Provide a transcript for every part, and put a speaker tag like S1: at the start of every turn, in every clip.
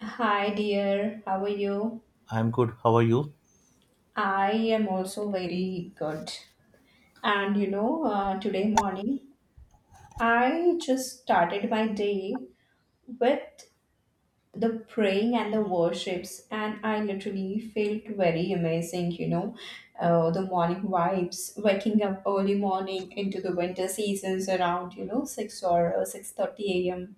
S1: Hi, dear. How are you?
S2: I'm good. How are you?
S1: I am also very good. And today morning, I just started my day with the praying and the worships, and I literally felt very amazing. The morning vibes, waking up early morning into the winter seasons around six or 6:30 a.m.,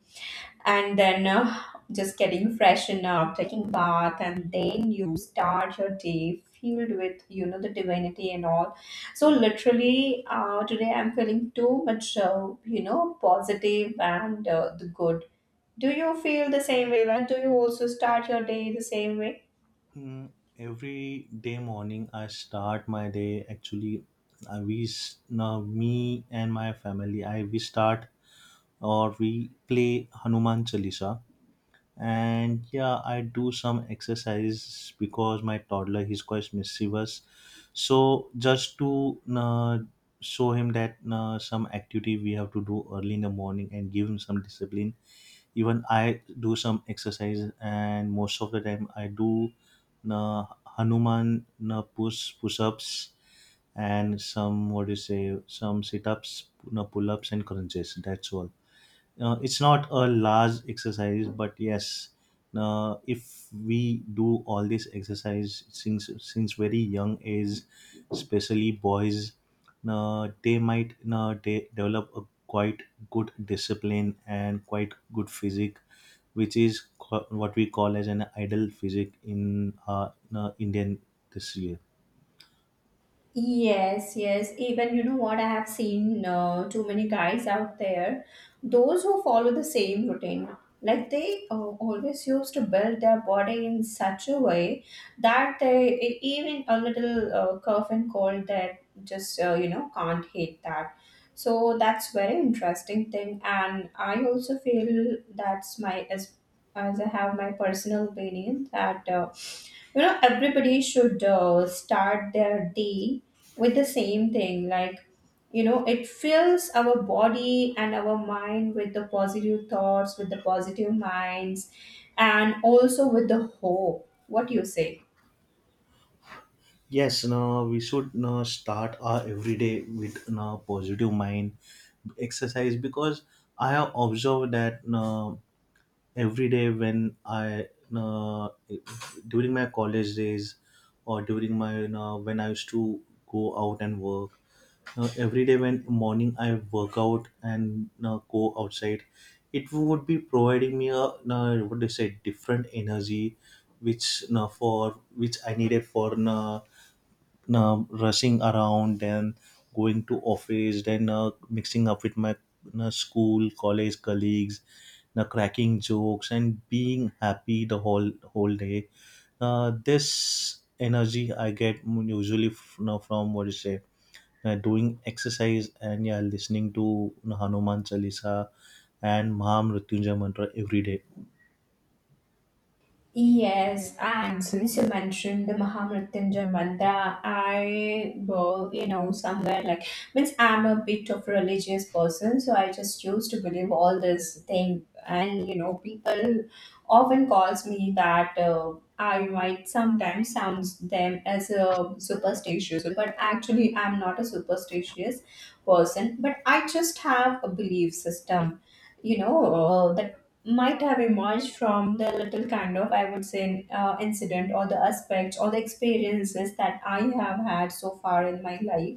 S1: and then just getting freshen up, taking bath, and then you start your day filled with the divinity and all. So literally, today I'm feeling too much positive and the good. Do you feel the same way? Like, do you also start your day the same way?
S2: Hmm, every day morning, I start my day. Actually, now me and my family. I we start or we play Hanuman Chalisa, and yeah, I do some exercise because my toddler, he's quite mischievous. So just to uh, show him that some activity we have to do early in the morning and give him some discipline. Even I do some exercise, and most of the time I do uh, hanuman push-ups and some, what do you say, some sit-ups, pull-ups, and crunches. That's all. It's not a large exercise, but yes, if we do all this exercise since very young age, especially boys, they might, they develop a quite good discipline and quite good physique, which is what we call as an idle physique in Indian this.
S1: Yes, yes. Even you know what, I have seen too many guys out there, those who follow the same routine, like they always used to build their body in such a way that they even a little curve and cold that just can't hit that. So that's very interesting thing, and I also feel that's my, as I have my personal opinion that everybody should start their day with the same thing. Like, it fills our body and our mind with the positive thoughts, with the positive minds, and also with the hope. What do you say?
S2: Yes, no, we should no start our everyday with no positive mind exercise, because I have observed that no every day when I no, during my college days, or during my no, when I used to go out and work no, every day when morning I work out and no, go outside, it would be providing me a no, what do you say, different energy which no, for which I needed for no, rushing around and going to office, then mixing up with my school college colleagues, cracking jokes and being happy the whole day. This energy I get usually, you know, from what you say, doing exercise, and yeah, listening to, you know, Hanuman Chalisa and Mahamrityunjay mantra every day.
S1: Yes, and since you mentioned the Mahamrityunjay mantra, I will, somewhere like, means, I'm a bit of religious person, so I just used to believe all this thing. And, people often calls me that I might sometimes sounds them as a superstitious, but actually I'm not a superstitious person, but I just have a belief system. That might have emerged from the little kind of, I would say, incident or the aspects or the experiences that I have had so far in my life.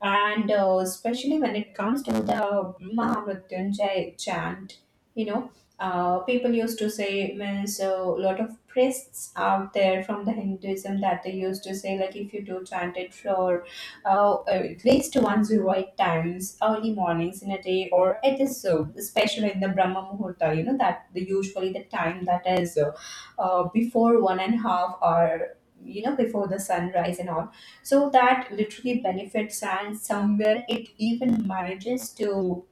S1: And especially when it comes to the Mahamrityunjay chant, you know, people used to say, means, a lot of priests out there from the Hinduism that they used to say, like, if you do chant it for, at least 108 times early mornings in a day. Or it is so, especially in the Brahma Muhurta, that the usually the time that is, before 1.5 hour, before the sunrise and all, so that literally benefits. And somewhere it even manages to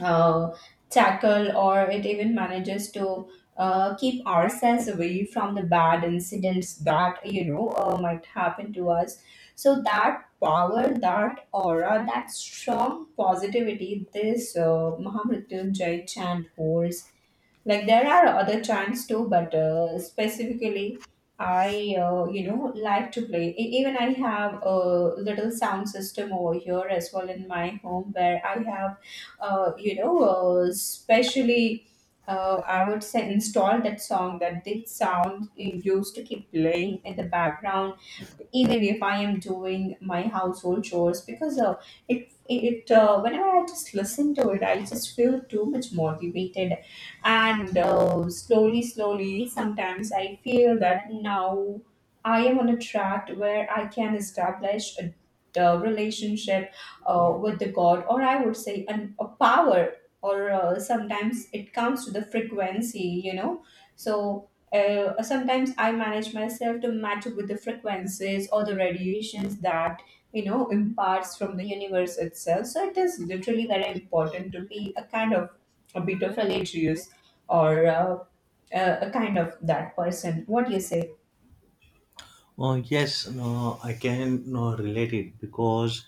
S1: uh, tackle, or it even manages to keep ourselves away from the bad incidents that might happen to us. So that power, that aura, that strong positivity, this Mahamrityunjay chant holds. Like, there are other chants too, but specifically I like to play. Even I have a little sound system over here as well, in my home where I have, specially, I would say, install that song, that this sound used to keep playing in the background, even if I am doing my household chores. Because it it whenever I just listen to it, I just feel too much motivated. And slowly slowly sometimes I feel that now I am on a track where I can establish a relationship with the god, or I would say a power. Or sometimes it comes to the frequency. Sometimes I manage myself to match up with the frequencies or the radiations that imparts from the universe itself. So it is literally very important to be a kind of a bit of religious, or a, a kind of that person. What do you say?
S2: Oh yes, no, I can no, relate it, because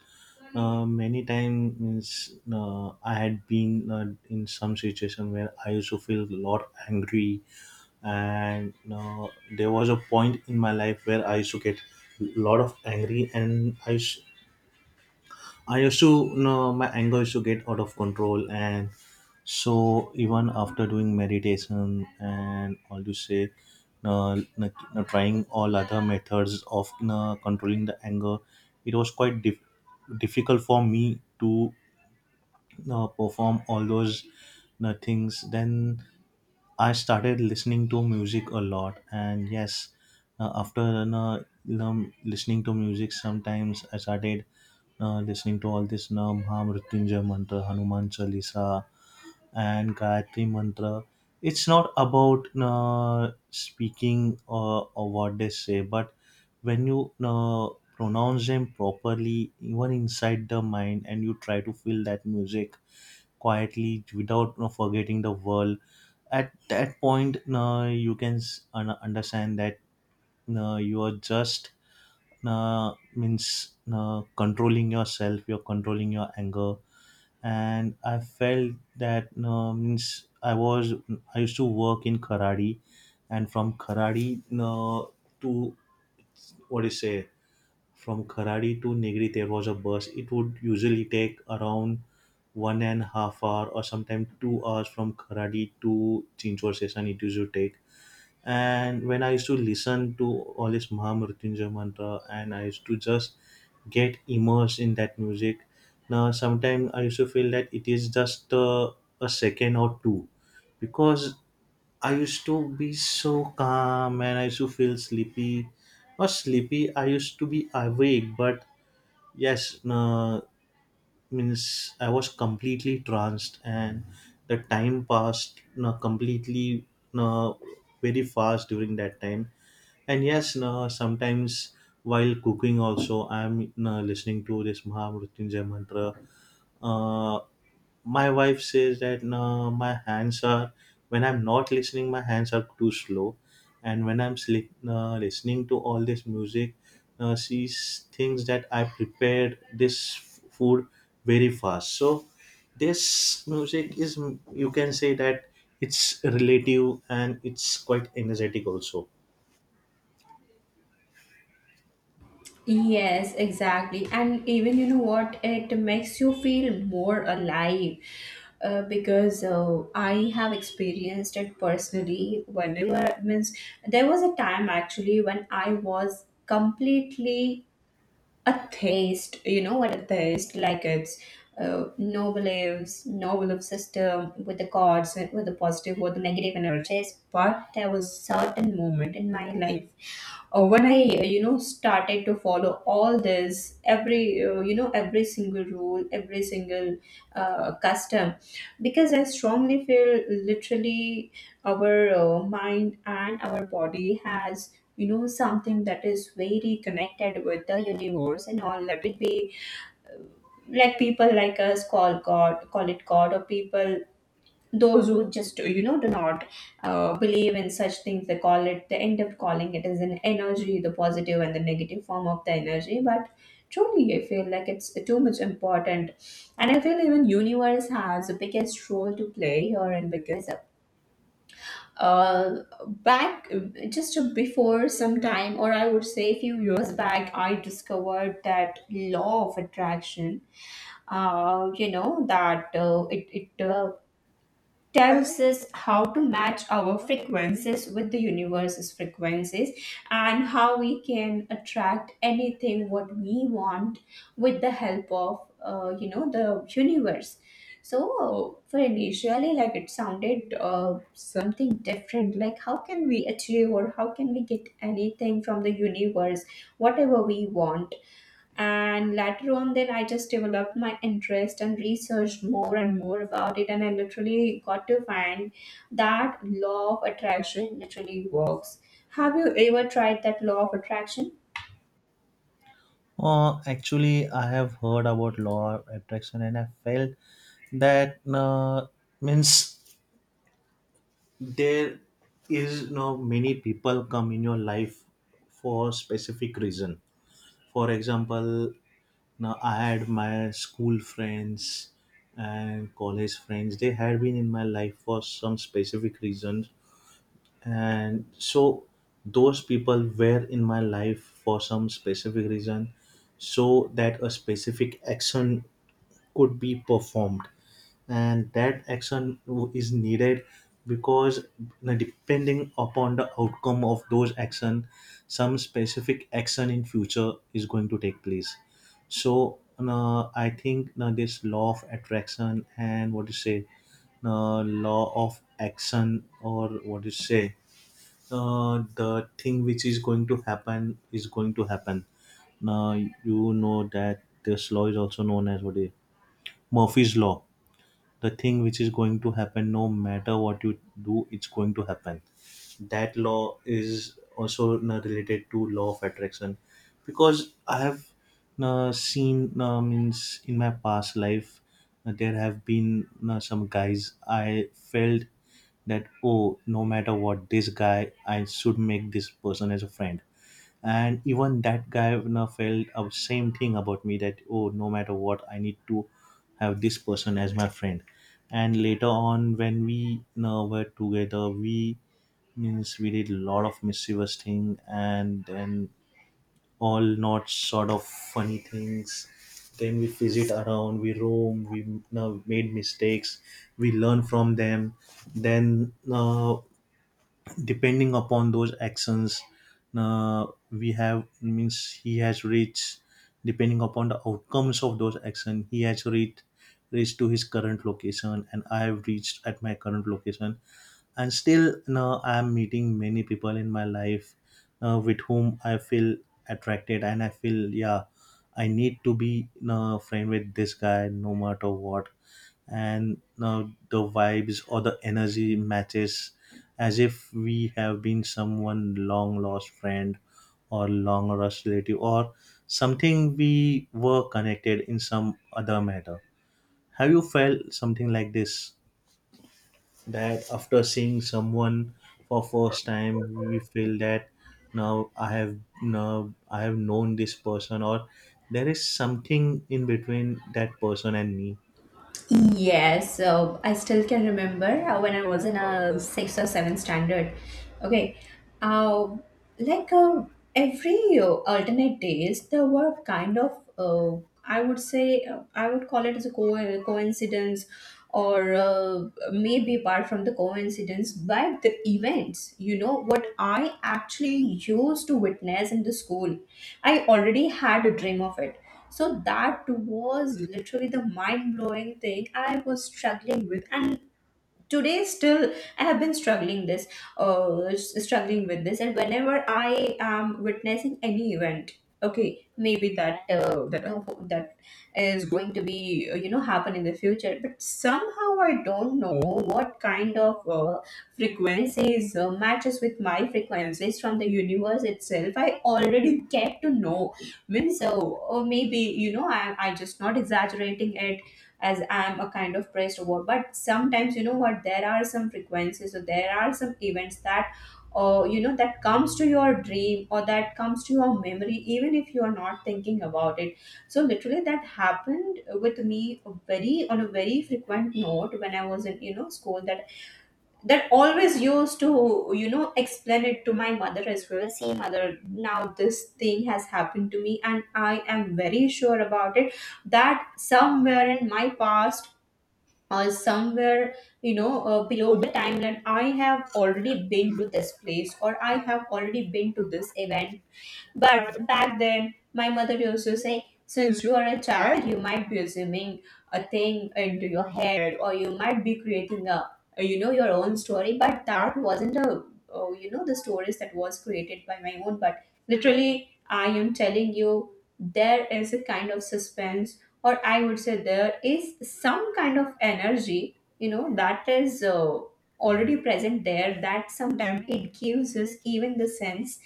S2: many times, means, I had been in some situation where I used to feel a lot angry, and there was a point in my life where I used to get a lot of angry, and I used to, you know, my anger used to get out of control, and so even after doing meditation and all, you say, trying all other methods of, you know, controlling the anger, it was quite difficult for me to, you know, perform all those, you know, things. Then I started listening to music a lot, and yes, after, you know, listening to music, sometimes I started listening to all this Nam Ha Mrityunjay mantra, Hanuman Chalisa, and Gayatri mantra. It's not about speaking or what they say, but when you pronounce them properly, even inside the mind, and you try to feel that music quietly without forgetting the world, at that point, you can understand that you are just means controlling yourself, you're controlling your anger. And I felt that means I was, I used to work in karate, and from karate to, what do you say, from karate to Negri there was a bus, it would usually take around one and a half hour, or sometimes 2 hours from karate to Chinchor session it used to take. And when I used to listen to all this Mahamrityunjay mantra, and I used to just get immersed in that music. Now, sometimes I used to feel that it is just a second or two, because I used to be so calm and I used to feel sleepy. Not sleepy, I used to be awake, but yes, no, means I was completely tranced, and the time passed no, completely no, very fast during that time. And yes, no, sometimes while cooking also I'm no, listening to this Mahamrityunjay mantra. Uh, my wife says that no, my hands are, when I'm not listening, my hands are too slow, and when I'm listening to all this music, she thinks that I prepared this food very fast. So this music is mm, you can say that it's relative and it's quite energetic also.
S1: Yes, exactly. And even you know what, it makes you feel more alive, because I have experienced it personally. Whenever means, there was a time actually when I was completely a theist. You know what a theist? Like, it's no beliefs, no belief system with the gods, with the positive or the negative energies. But there was certain moment in my life when I started to follow all this, every every single rule, every single custom. Because I strongly feel, literally, our mind and our body has something that is very connected with the universe and all. Let it be, like, people like us call god, call it god, or people those who just do not believe in such things, they call it, they end up calling it as an energy, the positive and the negative form of the energy. But truly I feel like it's too much important, and I feel even universe has the biggest role to play here. And because uh back, just before some time, or I would say a few years back, I discovered that law of attraction. You know that it, it tells us how to match our frequencies with the universe's frequencies, and how we can attract anything what we want with the help of, the universe. So for initially, like, it sounded something different. Like, how can we achieve, or how can we get anything from the universe whatever we want? And later on, then I just developed my interest and researched more and more about it, and I literally got to find that law of attraction literally works. Have you ever tried that law of attraction?
S2: Actually, I have heard about law of attraction, and I felt that means there is no, many people come in your life for specific reason. For example, now I had my school friends and college friends, they had been in my life for some specific reasons, and so those people were in my life for some specific reason, so that a specific action could be performed, and that action is needed because depending upon the outcome of those action, some specific action in future is going to take place. So I think this law of attraction, and what you say, law of action, or what you say, the thing which is going to happen is going to happen. Now you know that this law is also known as, what is, Murphy's law. The thing which is going to happen, no matter what you do, it's going to happen. That law is also related to law of attraction, because I have seen means in my past life, there have been some guys I felt that, oh, no matter what, this guy I should make this person as a friend, and even that guy, you know, felt the same thing about me that, oh, no matter what, I need to have this person as my friend. And later on, when we, you know, were together, we, means, we did a lot of mischievous thing, and then all not sort of funny things, then we visit around, we roam, we, you know, made mistakes, we learn from them. Then depending upon those actions, uh, we have, means he has reached, depending upon the outcomes of those actions, he has reached to his current location, and I have reached at my current location. And still now I am meeting many people in my life with whom I feel attracted, and I feel yeah, I need to be a friend with this guy no matter what. And the vibes or the energy matches as if we have been someone long lost friend, or long lost relative, or something we were connected in some other matter. Have you felt something like this, that after seeing someone for first time we feel that now I have known this person, or there is something in between that person and me?
S1: Yes, so I still can remember when I was in a sixth or seventh standard. Okay, uh, like, every alternate days, there were kind of, I would say, I would call it as a coincidence, or maybe apart from the coincidence, but the events. You know what I actually used to witness in the school, I already had a dream of it. So that was literally the mind blowing thing I was struggling with. And today still I have been struggling with this. And whenever I am witnessing any event, okay, maybe that is going to be happen in the future. But somehow I don't know what kind of frequencies matches with my frequencies from the universe itself, I already get to know. Means, so, or maybe I just not exaggerating it, as I'm a kind of pressed over. But sometimes you know what, there are some frequencies, or there are some events that that comes to your dream or that comes to your memory, even if you are not thinking about it. So literally that happened with me a very on a very frequent note, when I was in, school. That always used to, explain it to my mother as well. See, mother, now this thing has happened to me, and I am very sure about it. That somewhere in my past, or somewhere, below the timeline, I have already been to this place, or I have already been to this event. But back then, my mother used to say, since you are a child, you might be assuming a thing into your head, or you might be creating your own story. But that wasn't a, oh, you know, the stories that was created by my own. But literally, I am telling you, there is a kind of suspense, or I would say there is some kind of energy, that is already present there, that sometimes it gives us even the sense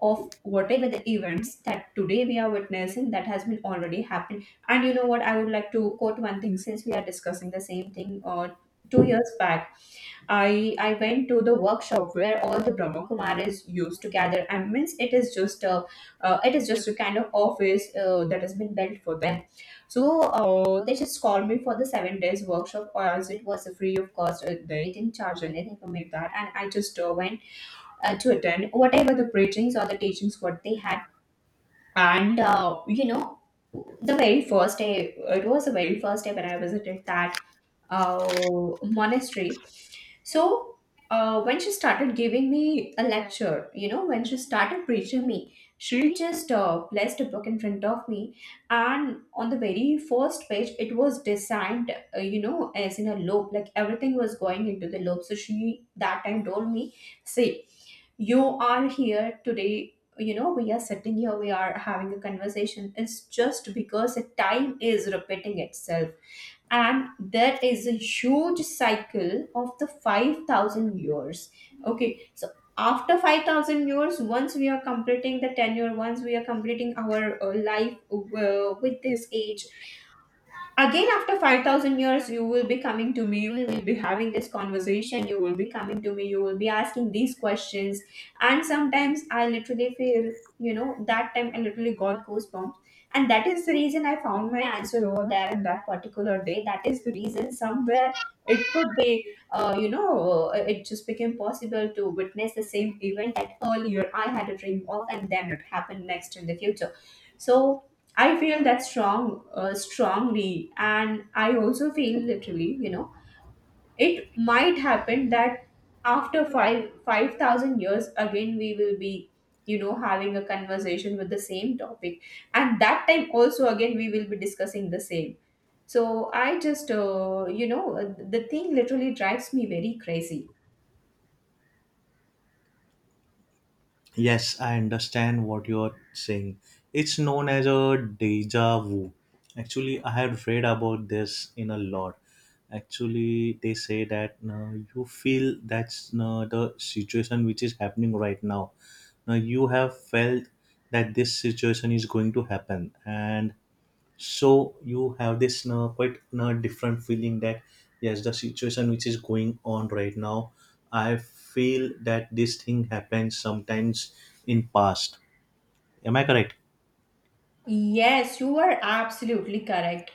S1: of whatever the events that today we are witnessing, that has been already happened. And you know what, I would like to quote one thing, since we are discussing the same thing. 2 years back, I went to the workshop where all the Brahma Kumaris used to gather. I means, it is just a kind of office that has been built for them. So they just called me for the 7 days workshop, or as it was free of cost, they didn't charge anything from me that. And I just went to attend whatever the preachings or the teachings what they had. And the very first day, it was the very first day when I visited that monastery. So when she started giving me a lecture, when she started preaching me, she just placed a book in front of me. And on the very first page, it was designed as in a loop, like everything was going into the loop. So she that time told me, see, you are here today, we are sitting here, we are having a conversation. It's just because the time is repeating itself, and there is a huge cycle of the 5,000 years. Okay, so after 5,000 years, once we are completing the tenure, once we are completing our life with this age, again after 5,000 years, you will be coming to me, you will be having this conversation, you will be coming to me, you will be asking these questions. And sometimes I literally feel, that time I literally got goosebumps. And that is the reason I found my answer over there in that particular day, that is the reason somewhere, it could be it just became possible to witness the same event that earlier I had a dream of, and then it happened next in the future. So I feel that strongly. And I also feel literally, it might happen that after five five thousand years, again we will be, having a conversation with the same topic. And that time also again we will be discussing the same. So I just, the thing literally drives me very crazy.
S2: Yes, I understand what you're saying. It's known as a deja vu. Actually, I have read about this in a lot. Actually, they say that you feel that's the situation which is happening right now. Now, you have felt that this situation is going to happen, and so you have this quite different feeling that yes, the situation which is going on right now, I feel that this thing happens sometimes in past. Am I correct?
S1: Yes, you are absolutely correct.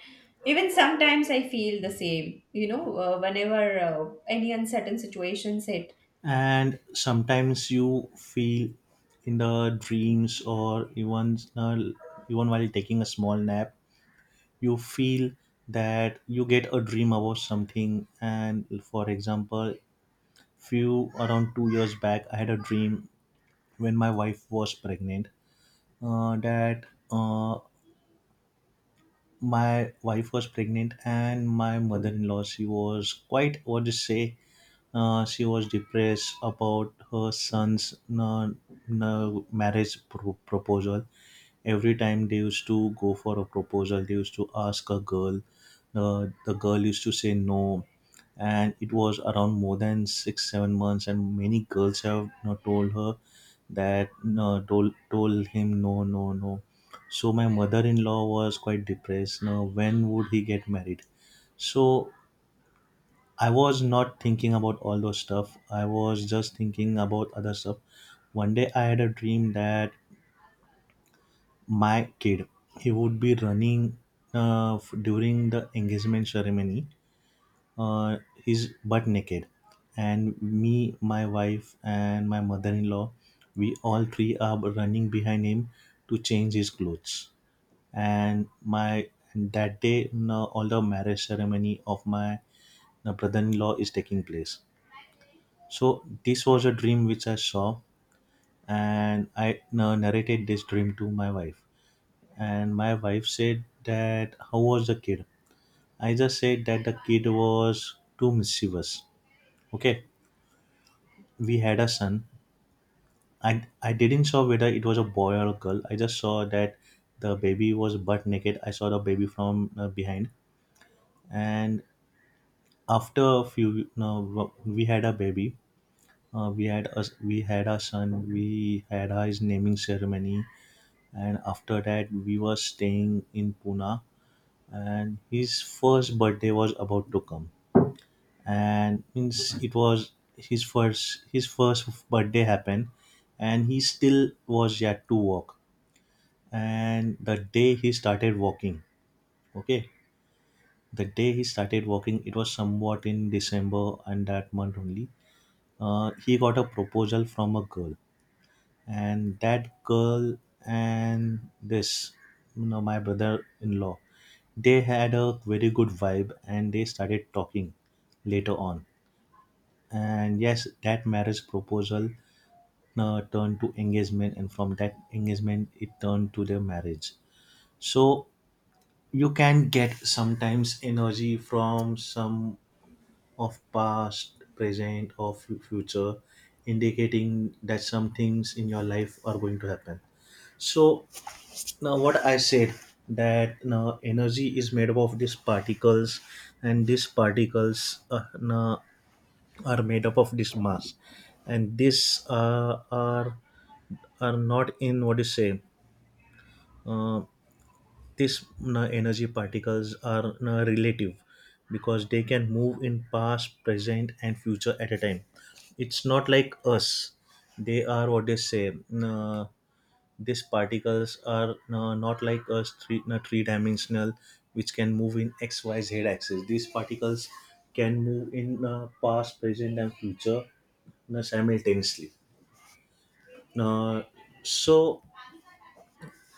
S1: Even sometimes I feel the same. Whenever any uncertain situations hit.
S2: And sometimes you feel in the dreams, or even even while taking a small nap, you feel that you get a dream about something. And for example, few around 2 years back I had a dream when my wife was pregnant. That my wife was pregnant, and my mother-in-law, she was quite, what to say, she was depressed about her son's marriage proposal. Every time they used to go for a proposal, they used to ask a girl, the girl used to say no, and it was around more than 6 or 7 months, and many girls have, you know, told her that no, told him, no, no, no. So my mother-in-law was quite depressed. Now, when would he get married? So I was not thinking about all those stuff. I was just thinking about other stuff. One day I had a dream that my kid, he would be running during the engagement ceremony. Uh, he's butt naked, and me, my wife, and my mother-in-law, we all three are running behind him to change his clothes. And my, that day, you know, all the marriage ceremony of my, you know, brother-in-law is taking place. So this was a dream which I saw. And I, you know, narrated this dream to my wife, and my wife said that how was the kid. I just said that the kid was too mischievous. Okay, we had a son. I didn't saw whether it was a boy or a girl, I just saw that the baby was butt naked, I saw the baby from behind. And after a few, no, we had a baby. We had us, we had our son, we had our his naming ceremony, and after that we were staying in Pune, and his first birthday was about to come. And means, it was his first, his first birthday happened, and he still was yet to walk. And the day he started walking, okay, the day he started walking, it was somewhat in December, and that month only he got a proposal from a girl. And that girl, and this, you know, my brother-in-law, they had a very good vibe, and they started talking. Later on, and yes, that marriage proposal turned to engagement, and from that engagement it turned to their marriage. So you can get sometimes energy from some of past, present, or future, indicating that some things in your life are going to happen. So now what I said, that now energy is made up of these particles, and these particles now are made up of this mass, and this are not in, what do you say. Uh, these na, energy particles are na, relative because they can move in past, present, and future at a time. It's not like us. They are, what they say, na, these particles are na, not like us three, na, three dimensional, which can move in X Y Z axis. These particles can move in na, past, present, and future, na, simultaneously. uh, so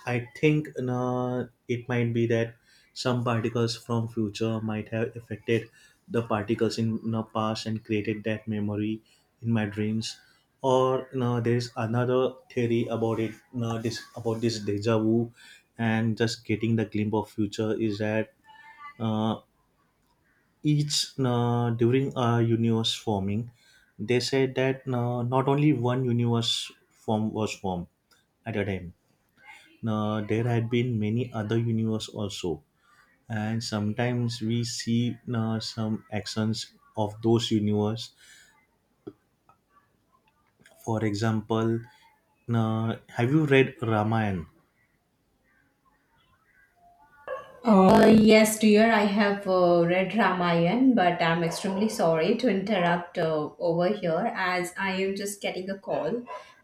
S2: I think it might be that some particles from future might have affected the particles in the past and created that memory in my dreams. Or no, there is another theory about it. No, this about this deja vu, and just getting the glimpse of future is that uh, each during a universe forming, they said that not only one universe form was formed at a time, there had been many other universe also, and sometimes we see some actions of those universe. For example, have you read Ramayan?
S1: Yes, dear, I have read Ramayan. But I'm extremely sorry to interrupt over here, as I am just getting a call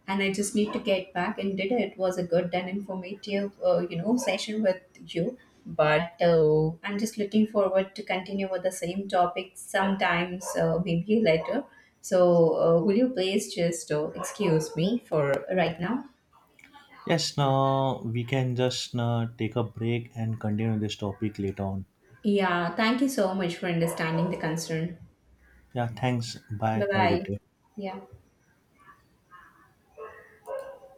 S1: and I just need to get back. Indeed, it was a good and informative, session with you. But I'm just looking forward to continue with the same topic sometimes, maybe later. So, will you please just excuse me for right now?
S2: Yes, now we can just take a break and continue this topic later on.
S1: Yeah, thank you so much for understanding the concern.
S2: Yeah, thanks, bye,
S1: Bye
S2: have a good
S1: bye.
S2: day.
S1: Yeah.